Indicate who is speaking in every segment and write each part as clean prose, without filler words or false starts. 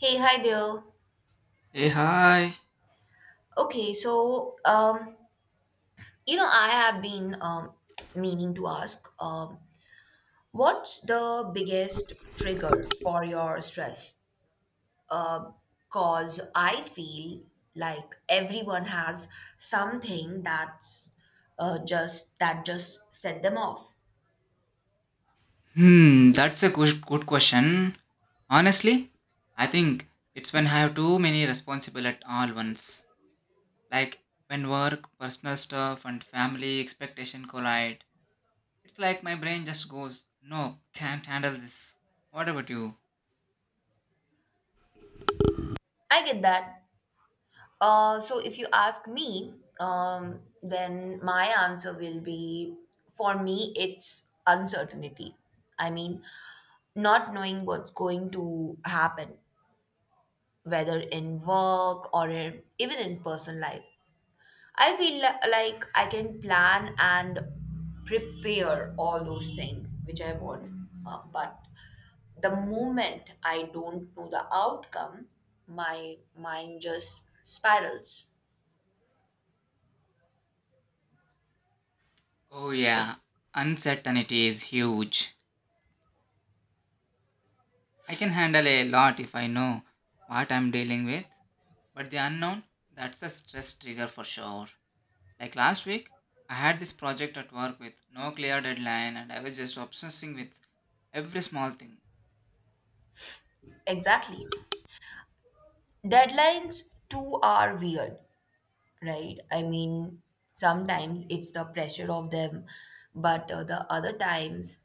Speaker 1: Hey, hi there.
Speaker 2: Hey, hi.
Speaker 1: Okay, so um, I have been meaning to ask, what's the biggest trigger for your stress? Cause I feel like everyone has something that's just that just set them off.
Speaker 2: Hmm, that's a good question. Honestly, I think it's when I have too many responsible at all once. Like when work, personal stuff, and family expectation collide. It's like my brain just goes, "No, can't handle this." What about you?
Speaker 1: I get that. So if you ask me, then my answer will be for me, it's uncertainty. I mean, not knowing what's going to happen, whether in work or in, even in personal life. Like I can plan and prepare all those things which I want, but the moment I don't know the outcome, my mind just spirals.
Speaker 2: Oh yeah, uncertainty is huge. I can handle a lot if I know what I'm dealing with, but the unknown, that's a stress trigger for sure. Like last week, I had this project at work with no clear deadline and I was just obsessing with every small thing.
Speaker 1: Exactly. Deadlines too are weird, right? I mean, sometimes it's the pressure of them, but the other times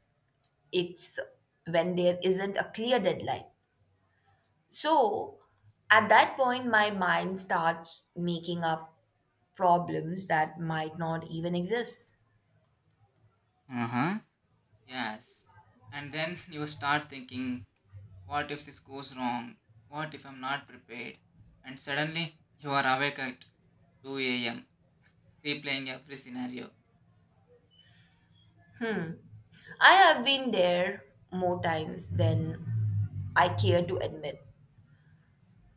Speaker 1: it's when there isn't a clear deadline. So at that point, my mind starts making up problems that might not even exist.
Speaker 2: Uh huh. Yes. And then you start thinking, what if this goes wrong? What if I'm not prepared? And suddenly you are awake at 2 a.m., replaying every scenario.
Speaker 1: I have been there more times than I care to admit.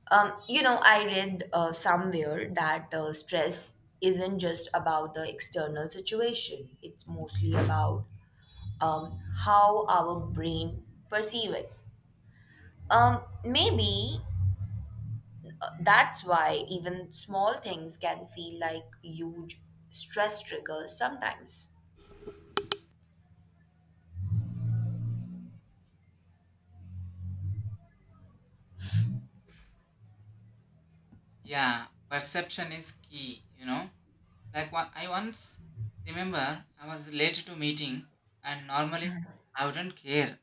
Speaker 1: You know, I read somewhere that stress isn't just about the external situation, it's mostly about how our brain perceive it. Maybe that's why even small things can feel like huge stress triggers sometimes.
Speaker 2: Yeah, perception is key, you know. Like what I once remember, I was late to meeting and normally I wouldn't care.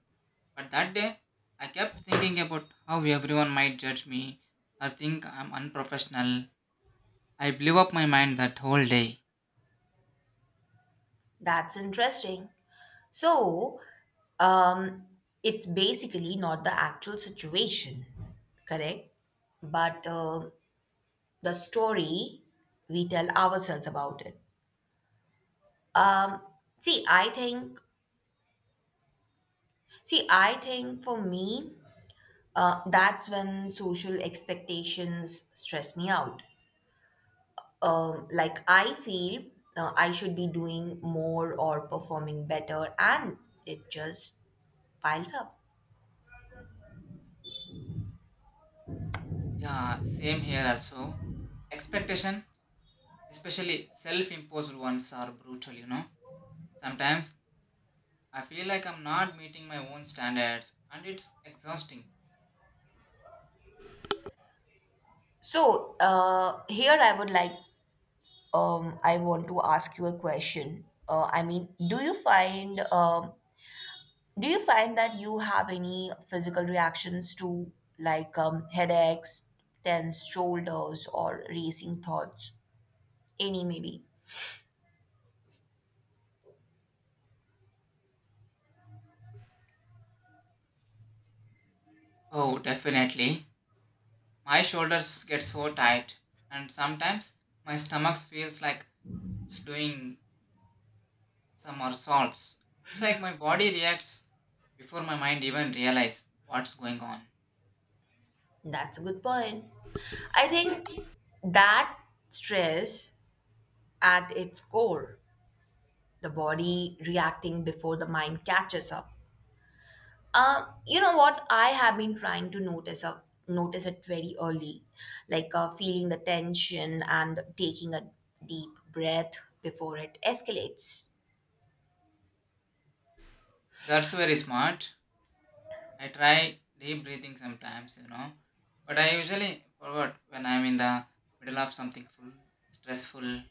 Speaker 2: But that day, I kept thinking about how everyone might judge me or think I'm unprofessional. I blew up my mind that whole day.
Speaker 1: That's interesting. So, um, it's basically not the actual situation, correct? But the story we tell ourselves about it. Um, see, I think, see, I think for me, that's when social expectations stress me out, like I feel I should be doing more or performing better, and it just piles up.
Speaker 2: Yeah, same here also. Expectation, especially self imposed ones, are brutal, you know. Sometimes I feel like I'm not meeting my own standards and it's exhausting.
Speaker 1: So here I would like I want to ask you a question. Do you find that you have any physical reactions to headaches, tense shoulders, or racing thoughts? Any maybe.
Speaker 2: Oh, definitely. My shoulders get so tight and sometimes my stomach feels like it's doing Some are salts. It's like my body reacts before my mind even realize what's going on.
Speaker 1: That's a good point. I think that stress at its core, the body reacting before the mind catches up. You know what? I have been trying to notice a, notice it very early, feeling the tension and taking a deep breath before it escalates.
Speaker 2: That's very smart. I try deep breathing sometimes, you know, but I usually forget when I'm in the middle of something full stressful.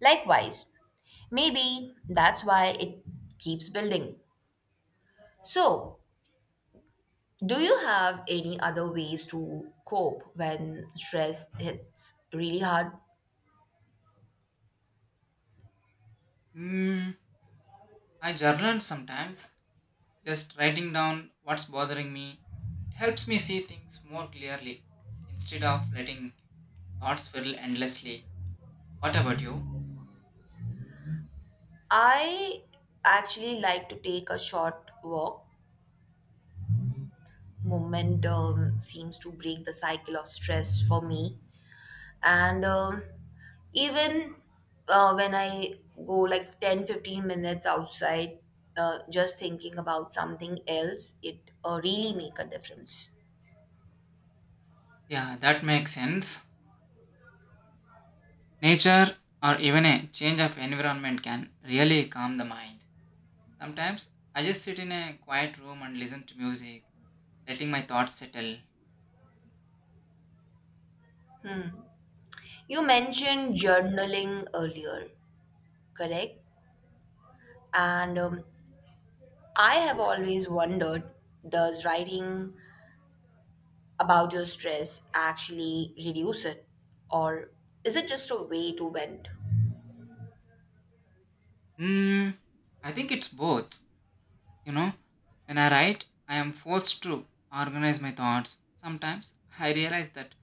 Speaker 1: Likewise, maybe that's why it keeps building. So, do you have any other ways to cope when stress hits really hard?
Speaker 2: Mm, I journal sometimes, just writing down what's bothering me. It helps me see things more clearly instead of letting thoughts fill endlessly. What about you?
Speaker 1: I actually like to take a short walk. Movement seems to break the cycle of stress for me. And even when I go like 10, 15 minutes outside, just thinking about something else, it really make a difference.
Speaker 2: Yeah, that makes sense. Nature or even a change of environment can really calm the mind. Sometimes I just sit in a quiet room and listen to music, letting my thoughts settle.
Speaker 1: You mentioned journaling earlier, correct? And I have always wondered, does writing about your stress actually reduce it? Or is it just a way to vent?
Speaker 2: Hmm, I think it's both. You know, when I write, I am forced to organize my thoughts. Sometimes I realize that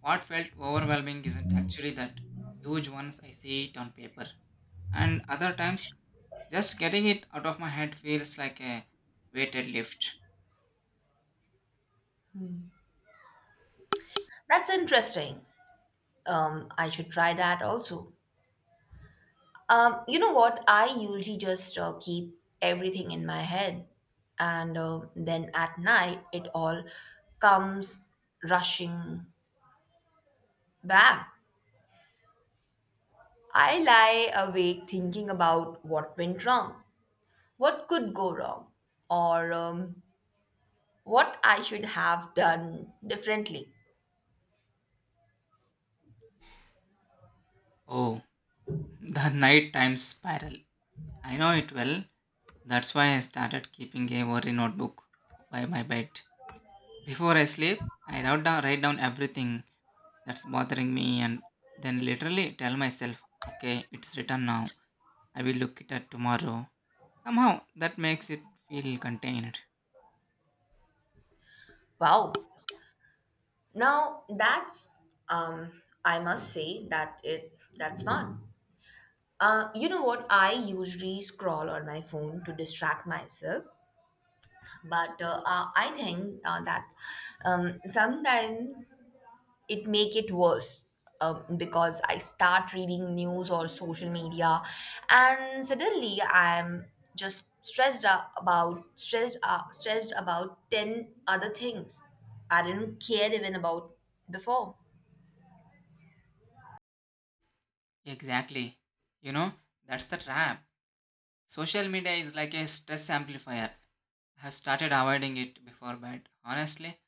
Speaker 2: what felt overwhelming isn't actually that huge once I see it on paper. And other times, just getting it out of my head feels like a weighted lift.
Speaker 1: That's interesting. I should try that also. You know what? I usually just keep everything in my head, and then at night it all comes rushing back. I lie awake thinking about what went wrong, what could go wrong, or what I should have done differently.
Speaker 2: Oh, the nighttime spiral. I know it well. That's why I started keeping a worry notebook by my bed. Before I sleep, I write down everything that's bothering me and then literally tell myself, okay, it's written now. I will look at it at tomorrow. Somehow that makes it feel contained.
Speaker 1: Wow. Now that's , I must say, that's smart. You know what? I usually scroll on my phone to distract myself, but I think that sometimes it make it worse because I start reading news or social media, and suddenly I'm just stressed about ten other things I didn't care even about before.
Speaker 2: Exactly. You know, that's the trap. Social media is like a stress amplifier. I have started avoiding it before bed. Honestly,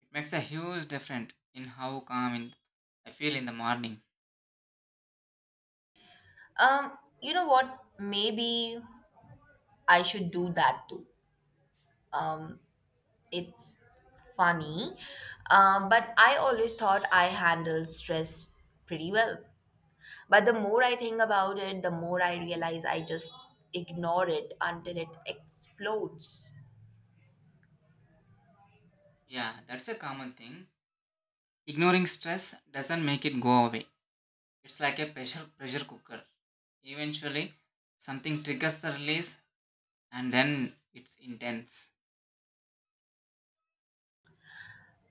Speaker 2: it makes a huge difference in how calm I feel in the morning.
Speaker 1: You know what? Maybe I should do that too. Um, it's funny, but I always thought I handled stress pretty well. But the more I think about it, the more I realize I just ignore it until it explodes.
Speaker 2: Yeah, that's a common thing. Ignoring stress doesn't make it go away. It's like a pressure cooker. Eventually, something triggers the release, and then it's intense.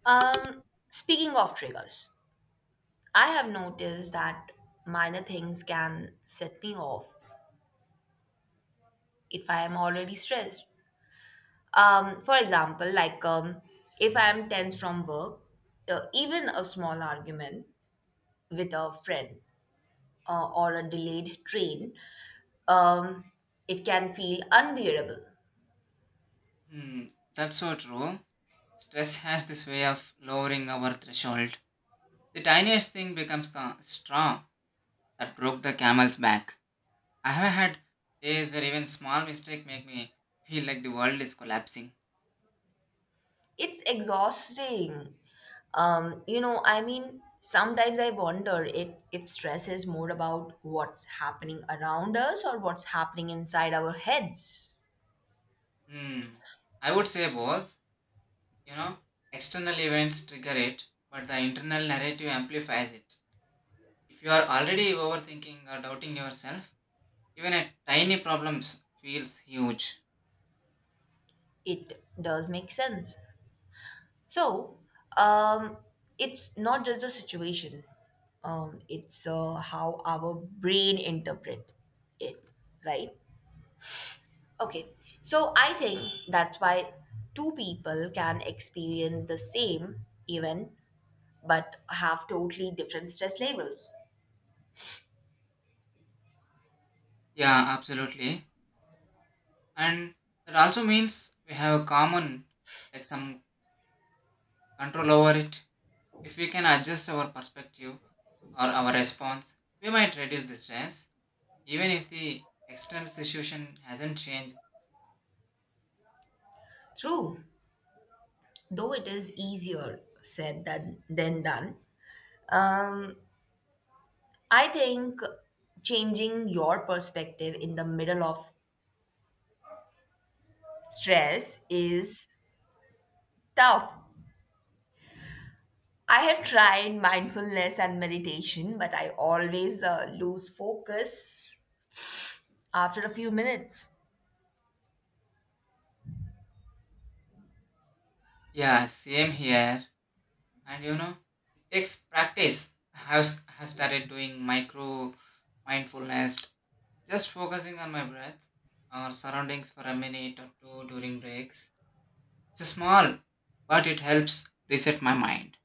Speaker 1: Um, Speaking of triggers, I have noticed that minor things can set me off if I am already stressed. For example, like If I'm tense from work, even a small argument with a friend or a delayed train, um, it can feel unbearable.
Speaker 2: Hmm, that's so true. Stress has this way of lowering our threshold. The tiniest thing becomes the straw that broke the camel's back. I have had days where even small mistake make me feel like the world is collapsing.
Speaker 1: It's exhausting. You know, I mean, sometimes I wonder if stress is more about what's happening around us or what's happening inside our heads.
Speaker 2: Hmm. I would say both. You know, external events trigger it, but the internal narrative amplifies it. If you are already overthinking or doubting yourself, even a tiny problem feels huge.
Speaker 1: It does make sense. So, um, it's not just the situation, it's how our brain interpret it, right? Okay,
Speaker 2: Hmm.
Speaker 1: so I think that's why two people can experience the same event but have totally different stress levels.
Speaker 2: Yeah, absolutely. And that also means we have like some control over it. If we can adjust our perspective or our response, we might reduce the stress, even if the external situation hasn't changed.
Speaker 1: True, though it is easier than done. Um, I think changing your perspective in the middle of stress is tough. I have tried mindfulness and meditation, but I always lose focus after a few minutes.
Speaker 2: Yeah, same here. And you know it takes practice. I have started doing micro mindfulness, just focusing on my breath or surroundings for a minute or two during breaks. It's small, but it helps reset my mind.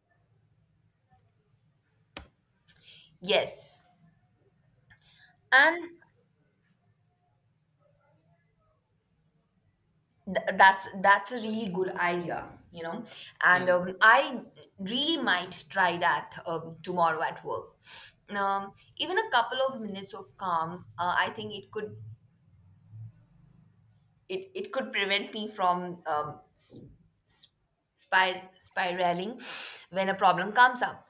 Speaker 1: Yes, and that's a really good idea, you know. And
Speaker 2: Yeah,
Speaker 1: I really might try that tomorrow at work. Even a couple of minutes of calm, I think it could prevent me from s- spiraling when a problem comes up.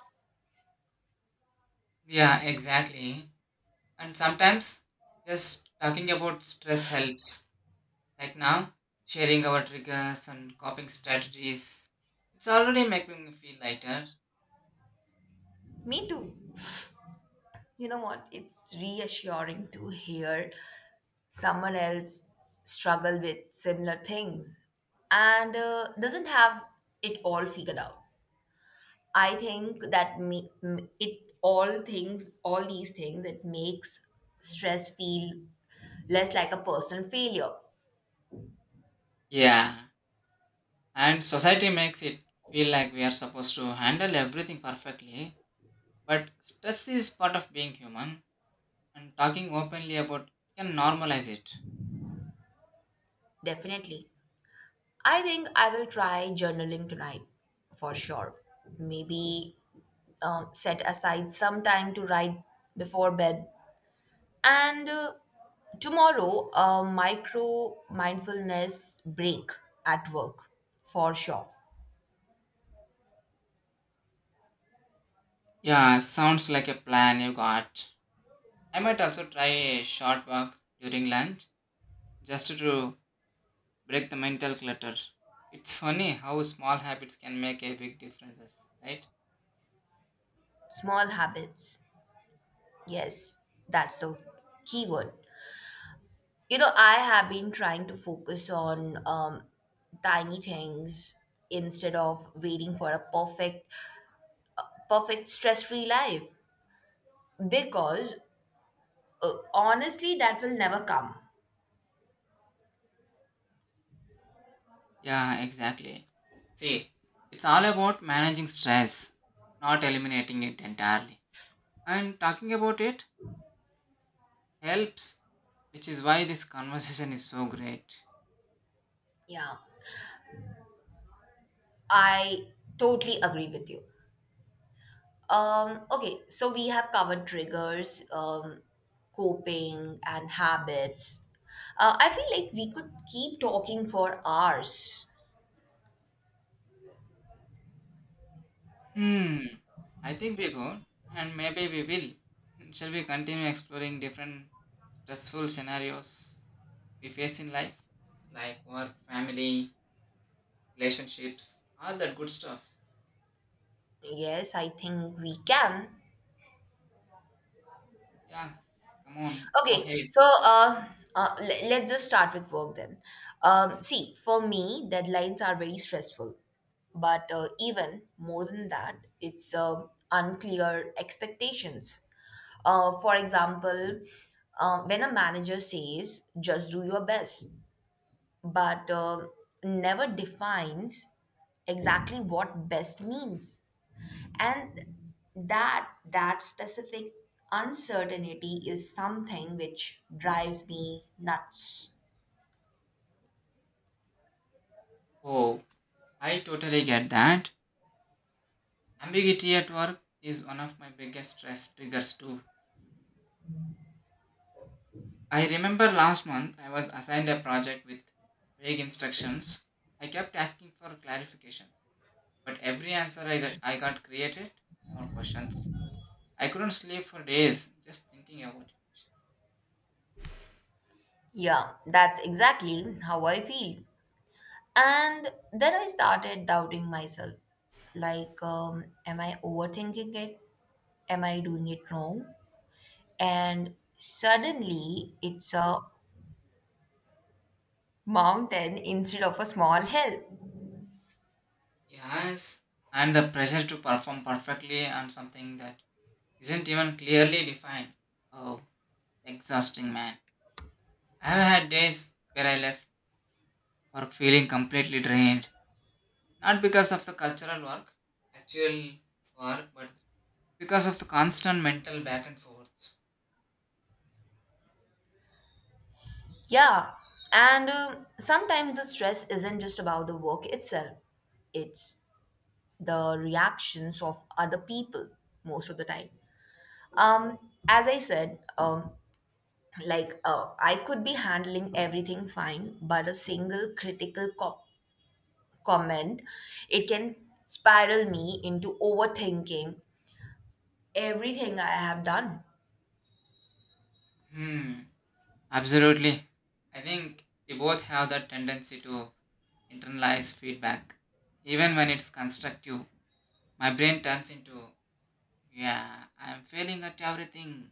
Speaker 2: yeah, exactly. And sometimes just talking about stress helps. Like now, sharing our triggers and coping strategies, it's already making me feel lighter.
Speaker 1: Me too. You know what? It's reassuring to hear someone else struggle with similar things and doesn't have it all figured out. I think that me, m- it all things, all these things, it makes stress feel less like a personal failure.
Speaker 2: Yeah, and society makes it feel like we are supposed to handle everything perfectly, but stress is part of being human, and talking openly about it can normalize it.
Speaker 1: Definitely. I think I will try journaling tonight for sure. Maybe set aside some time to write before bed. And tomorrow, a micro mindfulness break at work for sure.
Speaker 2: Yeah, sounds like a plan you got. I might also try a short walk during lunch just to break the mental clutter. It's funny how small habits can make a big differences, right?
Speaker 1: Small habits. Yes, that's the keyword. You know, I have been trying to focus on tiny things instead of waiting for a perfect stress free life because honestly, that will never come.
Speaker 2: Yeah, exactly. See, it's all about managing stress, not eliminating it entirely. And talking about it helps, which is why this conversation is so great.
Speaker 1: Yeah, I totally agree with you. Okay, so we have covered triggers, coping, and habits. I feel like we could keep talking for hours.
Speaker 2: Hmm, I think we could, and maybe we will. Shall we continue exploring different stressful scenarios we face in life, like work, family, relationships, all that good stuff?
Speaker 1: Yes, I think we can.
Speaker 2: Yeah, come on, go
Speaker 1: Okay,
Speaker 2: ahead.
Speaker 1: so uh, uh, le- let's just start with work then. See, for me, deadlines are very stressful, but even more than that, it's unclear expectations. For example, when a manager says, just do your best, but never defines exactly what best means. And that specific uncertainty is something which drives me nuts.
Speaker 2: Oh, I totally get that. Ambiguity at work is one of my biggest stress triggers too. I remember last month I was assigned a project with vague instructions. I kept asking for clarifications, but every answer I got created more questions. I couldn't sleep for days just thinking about it.
Speaker 1: Yeah, that's exactly how I feel. And then I started doubting myself. Like, am I overthinking it? Am I doing it wrong? And suddenly it's a mountain instead of a small hill.
Speaker 2: Yes, and the pressure to perform perfectly on something that isn't even clearly defined. Oh, exhausting, man. I've had days where I left work feeling completely drained, not because of the cultural work, actual work, but because of the constant mental back and forth.
Speaker 1: Yeah, and sometimes the stress isn't just about the work itself, it's the reactions of other people most of the time. Um, as I said, I could be handling everything fine, but a single comment, it can spiral me into overthinking everything I have done.
Speaker 2: Hmm, absolutely. I think we both have that tendency to internalize feedback. Even when it's constructive, my brain turns into, yeah, I'm failing at everything.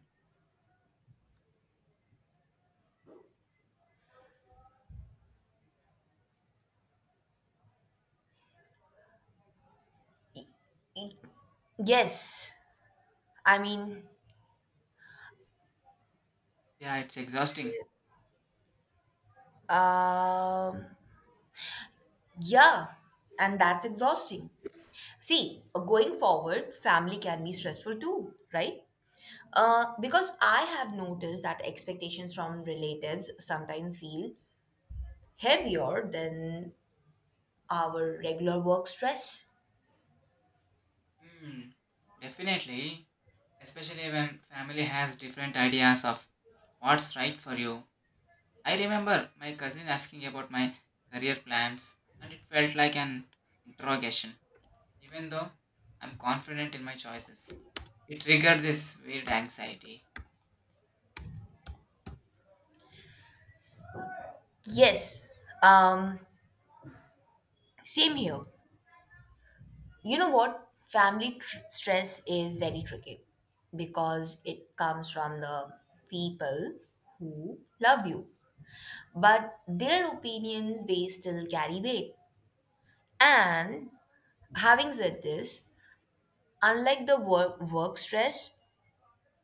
Speaker 1: Yes, I mean,
Speaker 2: Yeah, it's exhausting.
Speaker 1: um yeah, and that's exhausting. See, going forward, family can be stressful too, right? Because I have noticed that expectations from relatives sometimes feel heavier than our regular work stress.
Speaker 2: Hmm, definitely. Especially when family has different ideas of what's right for you. I remember my cousin asking about my career plans, and it felt like an interrogation. Even though I'm confident in my choices. It triggered this weird anxiety.
Speaker 1: Yes, um, same here. You know what? Stress is very tricky because it comes from the people who love you, but their opinions, they still carry weight. And having said this, unlike the work stress,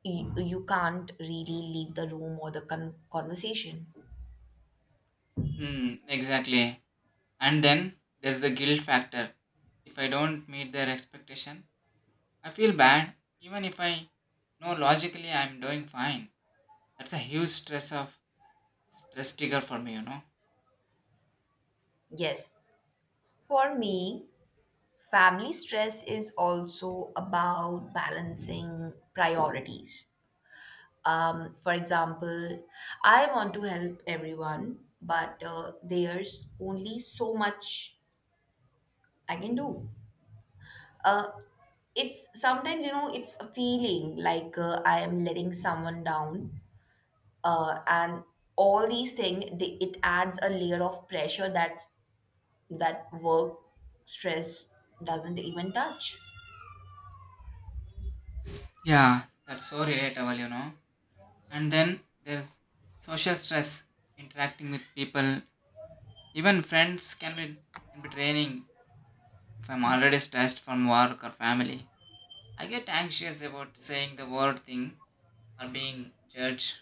Speaker 1: you can't really leave the room or the conversation.
Speaker 2: Hmm, exactly. And then there's the guilt factor. If I don't meet their expectation, I feel bad even if I know logically I'm doing fine. That's a huge stress trigger for me, you know.
Speaker 1: Yes, for me, family stress is also about balancing priorities. For example, I want to help everyone, but there's only so much I can do. uh, it's sometimes, you know, it's a feeling like I am letting someone down, and all these it adds a layer of pressure that work stress doesn't even touch.
Speaker 2: Yeah, that's so relatable, you know. And then there's social stress interacting with people. Even friends can be draining if I'm already stressed from work or family. I get anxious about saying the word thing or being judged.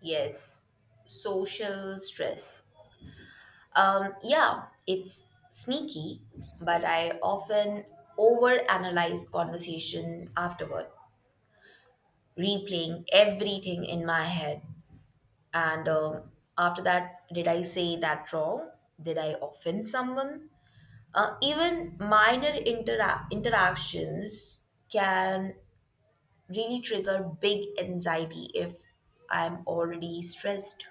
Speaker 1: Yes, social stress. Yeah, it's sneaky, but I often overanalyze conversation afterward, replaying everything in my head. And after that, did I say that wrong? Did I offend someone? Even minor interactions can really trigger big anxiety if I'm already stressed.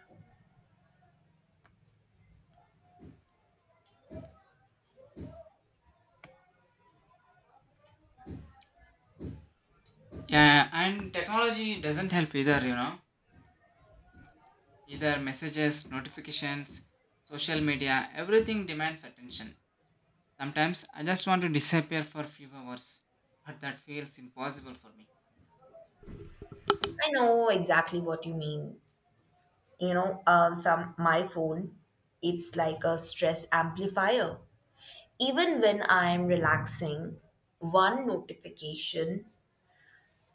Speaker 2: Yeah, and technology doesn't help either, you know. Either messages, notifications, social media, everything demands attention. Sometimes I just want to disappear for a few hours, but that feels impossible for me.
Speaker 1: I know exactly what you mean. You know, some my phone, it's like a stress amplifier. Even when I'm relaxing, one notification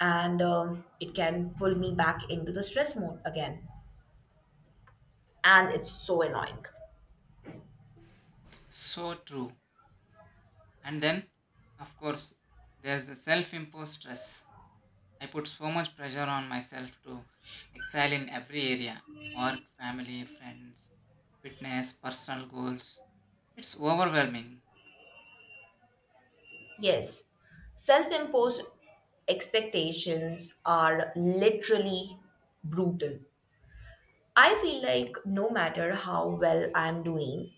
Speaker 1: and it can pull me back into the stress mode again. And it's so annoying.
Speaker 2: So true. And then, of course, there's the self imposed stress. I put so much pressure on myself to excel in every area work, family, friends, fitness, personal goals. It's overwhelming.
Speaker 1: Yes, self imposed expectations are literally brutal. I feel like no matter how well I'm doing,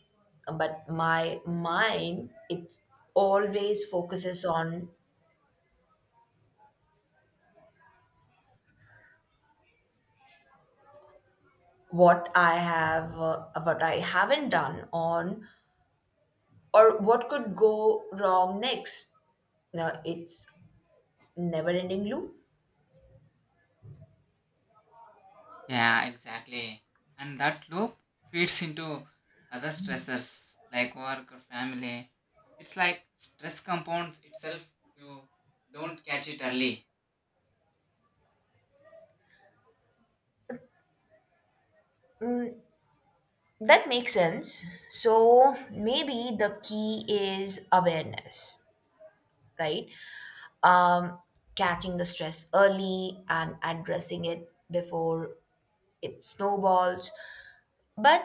Speaker 1: but my mind, it always focuses on what I haven't done on, or what could go wrong next. Now, it's never ending loop.
Speaker 2: Yeah, exactly. And that loop feeds into other stressors like work or family. It's like stress compounds itself if you don't catch it early.
Speaker 1: That makes sense. So maybe the key is awareness, right? Um, Catching the stress early and addressing it before it snowballs. But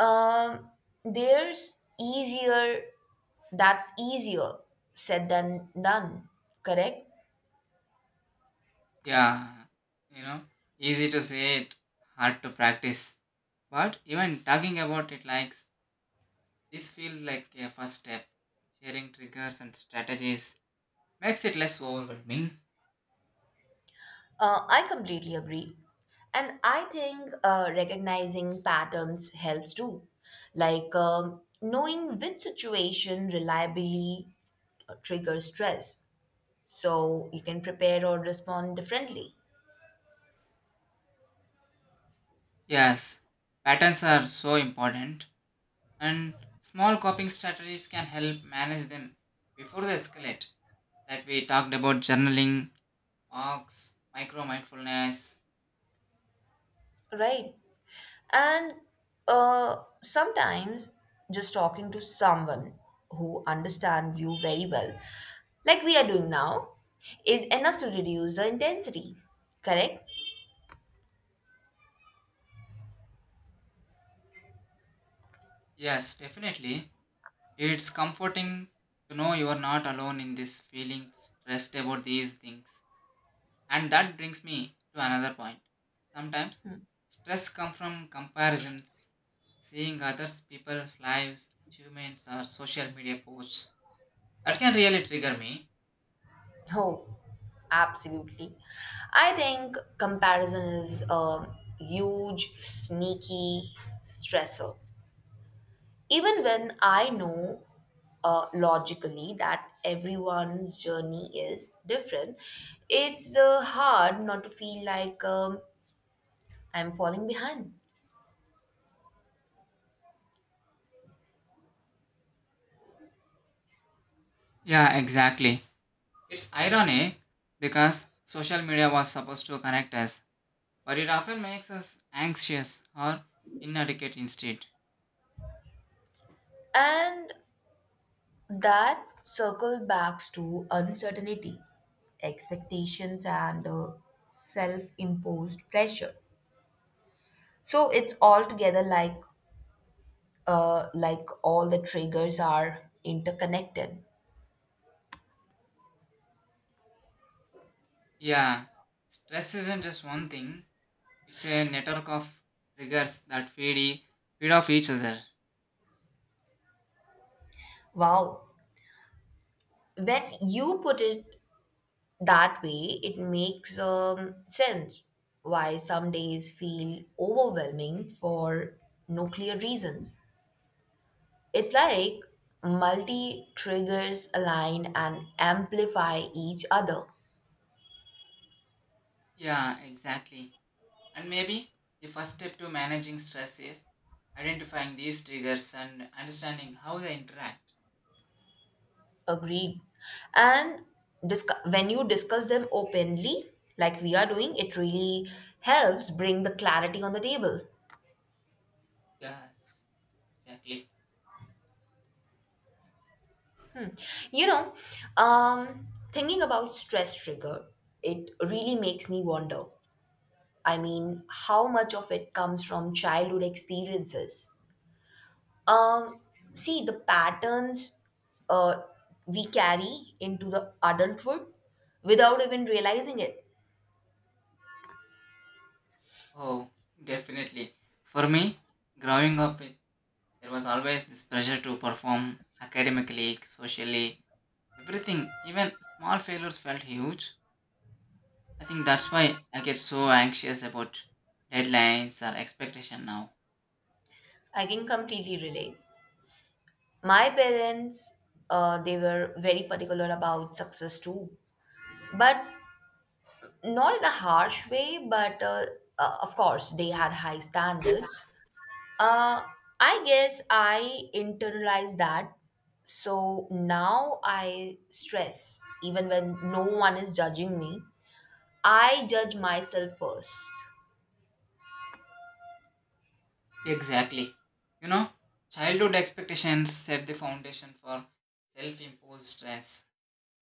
Speaker 1: um, there's easier, that's easier said than done, correct?
Speaker 2: Yeah, you know, easy to say it, hard to practice. But even talking about it likes. This feels like a first step. Sharing triggers and strategies makes it less overwhelming.
Speaker 1: I completely agree. And I think recognizing patterns helps too. Like knowing which situation reliably triggers stress so you can prepare or respond differently,
Speaker 2: Yes, patterns are so important, and small coping strategies can help manage them before they escalate. Like we talked about journaling, walks, micro mindfulness.
Speaker 1: right? And sometimes just talking to someone who understands you very well, like we are doing now, is enough to reduce the intensity, correct?
Speaker 2: Yes, definitely. It's comforting to know you are not alone in this feeling stressed about these things. And that brings me to another point. Sometimes stress comes from comparisons, seeing others people's lives, achievements, or social media posts. That can really trigger me.
Speaker 1: Oh, absolutely. I think comparison is a huge, sneaky stressor. Even when I know logically that everyone's journey is different, it's hard not to feel like I'm falling behind.
Speaker 2: Yeah, exactly. It's ironic because social media was supposed to connect us, but it often makes us anxious or inadequate instead.
Speaker 1: And that circle backs to uncertainty, expectations, and self imposed pressure. So it's altogether like all the triggers are interconnected.
Speaker 2: Yeah, stress isn't just one thing, it's a network of triggers that feed off each other.
Speaker 1: Wow. When you put it that way, it makes sense why some days feel overwhelming for no clear reasons. It's like multi triggers align and amplify each other.
Speaker 2: Yeah, exactly. And maybe the first step to managing stress is identifying these triggers and understanding how they interact.
Speaker 1: Agreed. And when you discuss them openly, like we are doing, it really helps bring the clarity on the table.
Speaker 2: Yes, exactly.
Speaker 1: You know, Thinking about stress trigger, it really makes me wonder. I mean, how much of it comes from childhood experiences? Um, See, the patterns uh, we carry into the adulthood without even realizing it.
Speaker 2: Oh, definitely. For me, growing up, it, there was always this pressure to perform academically, socially, everything. Even small failures felt huge. I think that's why I get so anxious about deadlines or expectation now.
Speaker 1: I can completely relate. My parents, they were very particular about success too, but not in a harsh way, but of course, they had high standards. Uh, I guess I internalize that. So now I stress, even when no one is judging me. I judge myself first.
Speaker 2: Exactly. You know, childhood expectations set the foundation for self imposed stress.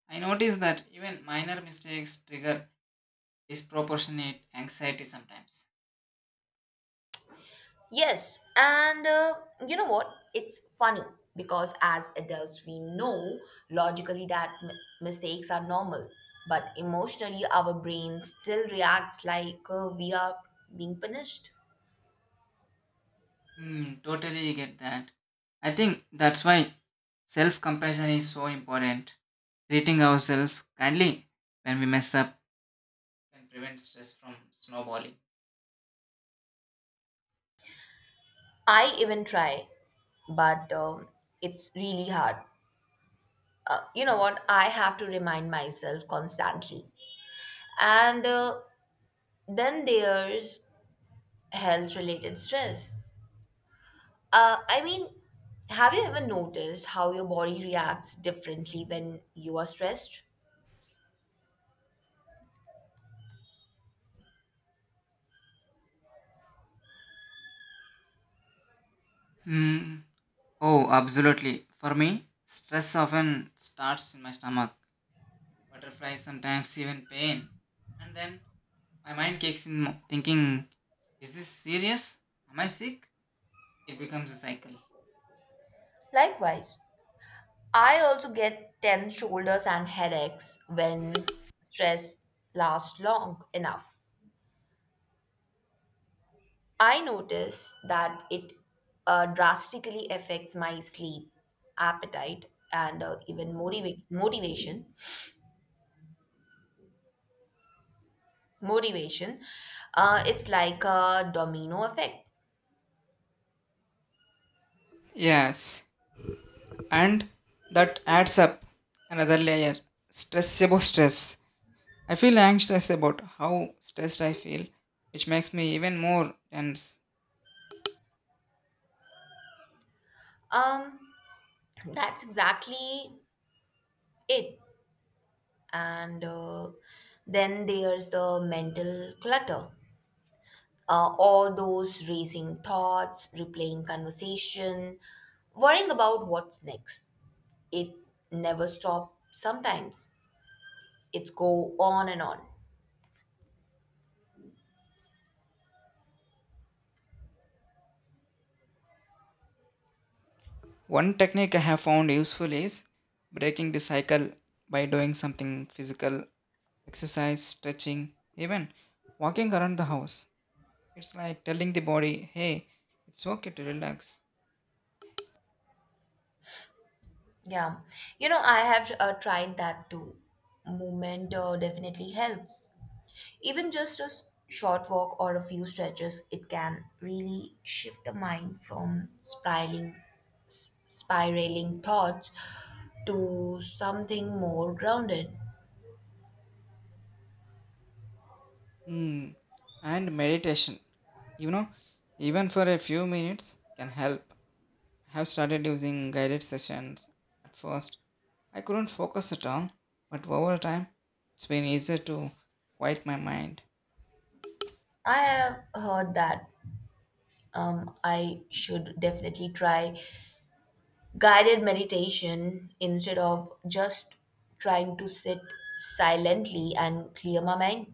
Speaker 2: I notice that even minor mistakes trigger disproportionate anxiety sometimes.
Speaker 1: Yes, and you know what? It's funny because as adults, we know logically that mistakes are normal, but emotionally, our brain still reacts like we are being punished.
Speaker 2: Hmm, totally get that. I think that's why self compassion is so important. Treating ourselves kindly when we mess up can prevent stress from snowballing.
Speaker 1: I even try, but it's really hard. You know what, I have to remind myself constantly, and then there's health related stress. I mean, have you ever noticed how your body reacts differently when you are stressed?
Speaker 2: Hmm. Oh, absolutely. For me, stress often starts in my stomach butterflies, sometimes even pain. And then my mind kicks in thinking, is this serious? Am I sick? It becomes a cycle.
Speaker 1: Likewise, I also get tense shoulders and headaches when stress lasts long enough. I notice that it drastically affects my sleep, appetite, and even motivation It's like a domino effect.
Speaker 2: Yes, and that adds up another layer stress about stress. I feel anxious about how stressed I feel, which makes me even more tense.
Speaker 1: um that's exactly it. And then there's the mental clutter. All those racing thoughts, replaying conversation, worrying about what's next. It never stops. Sometimes it's go on and on.
Speaker 2: One technique I have found useful is breaking the cycle by doing something physical, exercise, stretching, even walking around the house. It's like telling the body, hey, it's okay to relax.
Speaker 1: Yeah, you know, I have tried that too. Movement definitely helps. Even just a short walk or a few stretches, it can really shift the mind from spiraling, spiraling thoughts to something more grounded.
Speaker 2: Hmm. And meditation, you know, even for a few minutes can help. I have started using guided sessions. At first, I couldn't focus at all, but over time, it's been easier to quiet my mind.
Speaker 1: I have heard that, I should definitely try guided meditation instead of just trying to sit silently and clear my mind.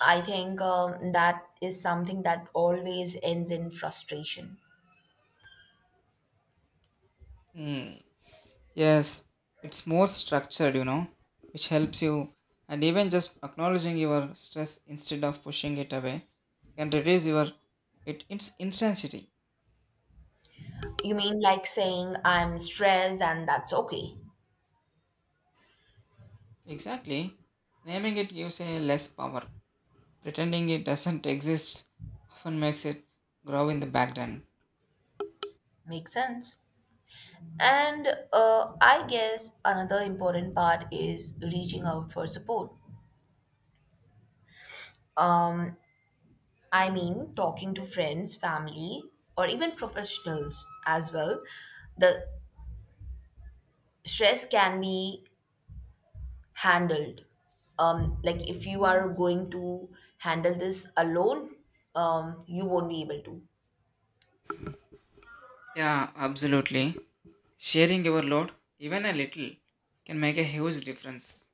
Speaker 1: I think that is something that always ends in frustration.
Speaker 2: Hmm. Yes, it's more structured, you know, which helps you. And even just acknowledging your stress instead of pushing it away can reduce its intensity.
Speaker 1: You mean like saying I'm stressed and that's okay.
Speaker 2: Exactly. Naming it gives a less power. Pretending it doesn't exist often makes it grow in the background.
Speaker 1: Makes sense. And I guess another important part is reaching out for support. Um, I mean, talking to friends, family, or even professionals as well. The stress can be handled. Like if you are going to handle this alone, you won't be able to.
Speaker 2: Yeah, absolutely. Sharing your load, even a little, can make a huge difference.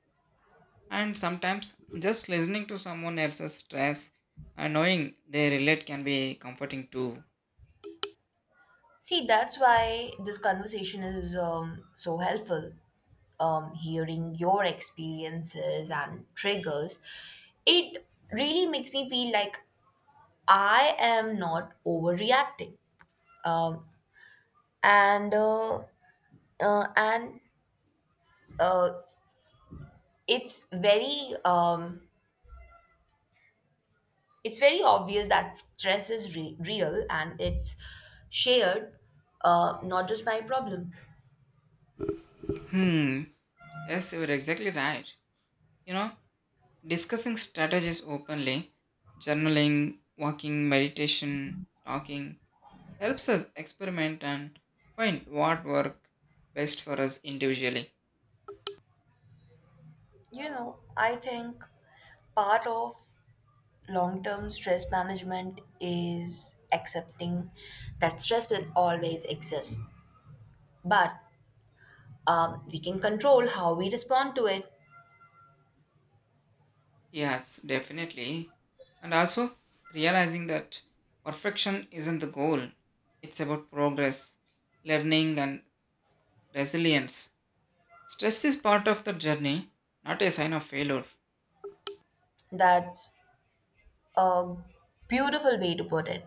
Speaker 2: And sometimes just listening to someone else's stress and knowing they relate can be comforting too.
Speaker 1: See, that's why this conversation is so helpful. Hearing your experiences and triggers, it really makes me feel like I am not overreacting. Um, and uh, and uh, it's very obvious that stress is real and it's shared, not just my problem.
Speaker 2: Hmm, yes, you're exactly right. You know, discussing strategies openly, journaling, walking, meditation, talking, helps us experiment and find what work best for us individually.
Speaker 1: You know, I think part of long term stress management is accepting that stress will always exist, but we can control how we respond to it.
Speaker 2: Yes, definitely. And also realizing that perfection isn't the goal. It's about progress, learning and resilience. Stress is part of the journey, not a sign of failure.
Speaker 1: That's a beautiful way to put it.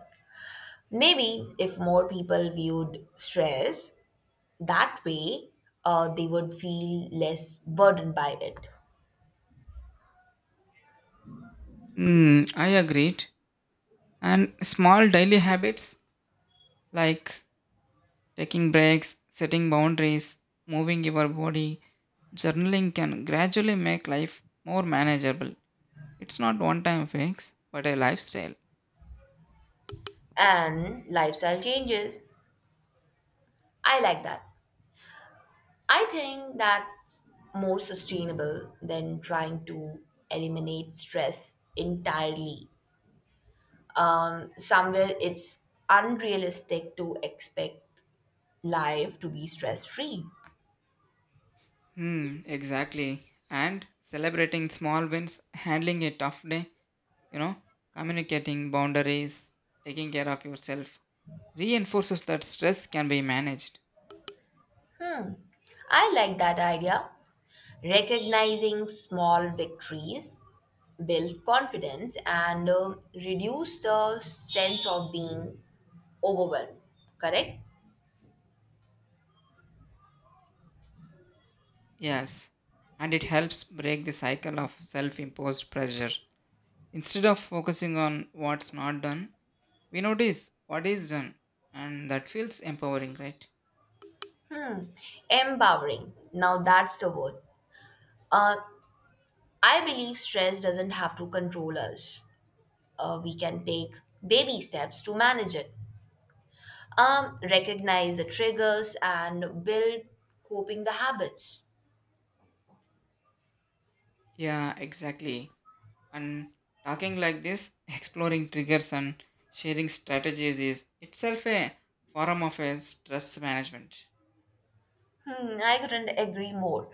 Speaker 1: Maybe if more people viewed stress that way, they would feel less burdened by it.
Speaker 2: Hmm, I agreed. And small daily habits like taking breaks, setting boundaries, moving your body, journaling can gradually make life more manageable. It's not one time fix, but a lifestyle.
Speaker 1: And lifestyle changes, I like that. I think that's more sustainable than trying to eliminate stress entirely. Somewhere it's unrealistic to expect life to be stress free.
Speaker 2: Hmm, exactly. And celebrating small wins, handling a tough day, you know, communicating boundaries, taking care of yourself reinforces that stress can be managed.
Speaker 1: I like that idea. Recognizing small victories builds confidence and reduce the sense of being overwhelmed, correct.
Speaker 2: Yes. And it helps break the cycle of self imposed pressure. Instead of focusing on what's not done, we notice what is done, and that feels empowering, right?
Speaker 1: Empowering, now that's the word. uh, I believe stress doesn't have to control us. We can take baby steps to manage it, recognize the triggers, and build coping the habits.
Speaker 2: Yeah, exactly. And talking like this exploring triggers and sharing strategies is itself a form of a stress management.
Speaker 1: Hmm, I couldn't agree more.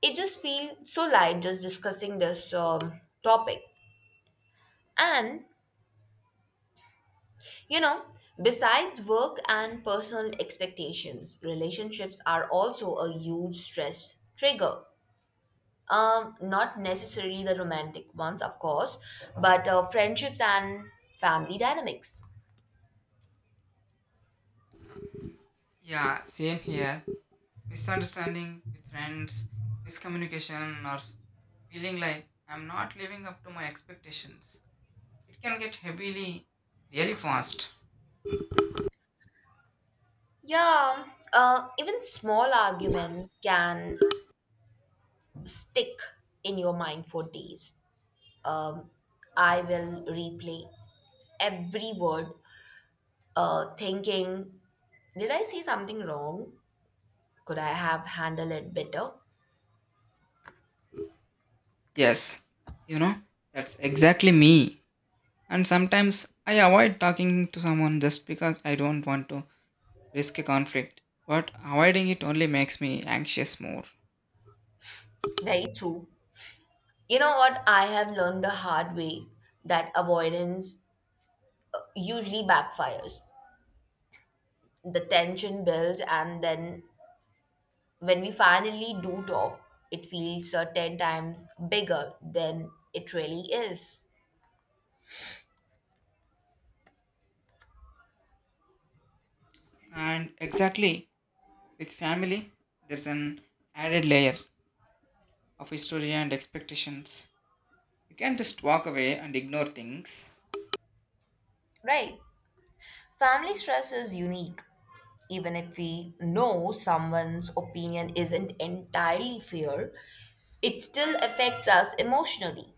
Speaker 1: It just feels so light just discussing this topic. And, you know, besides work and personal expectations, relationships are also a huge stress trigger. Not necessarily the romantic ones, of course, but friendships and family dynamics.
Speaker 2: Yeah, same here. Misunderstanding with friends, miscommunication, or feeling like I'm not living up to my expectations, it can get heavily really fast.
Speaker 1: Yeah, even small arguments can stick in your mind for days. Um, I will replay every word, thinking, did I say something wrong? Could I have handled it better?
Speaker 2: Yes, you know, that's exactly me. And sometimes I avoid talking to someone just because I don't want to risk conflict, but avoiding it only makes me anxious more.
Speaker 1: Very true. You know what? I have learned the hard way that avoidance usually backfires. The tension builds, and then when we finally do talk, it feels 10 times bigger than it really is,
Speaker 2: And exactly with family, there's an added layer of history and expectations. You can't just walk away and ignore things.
Speaker 1: right? Family stress is unique. Even if we know someone's opinion isn't entirely fair, it still affects us emotionally.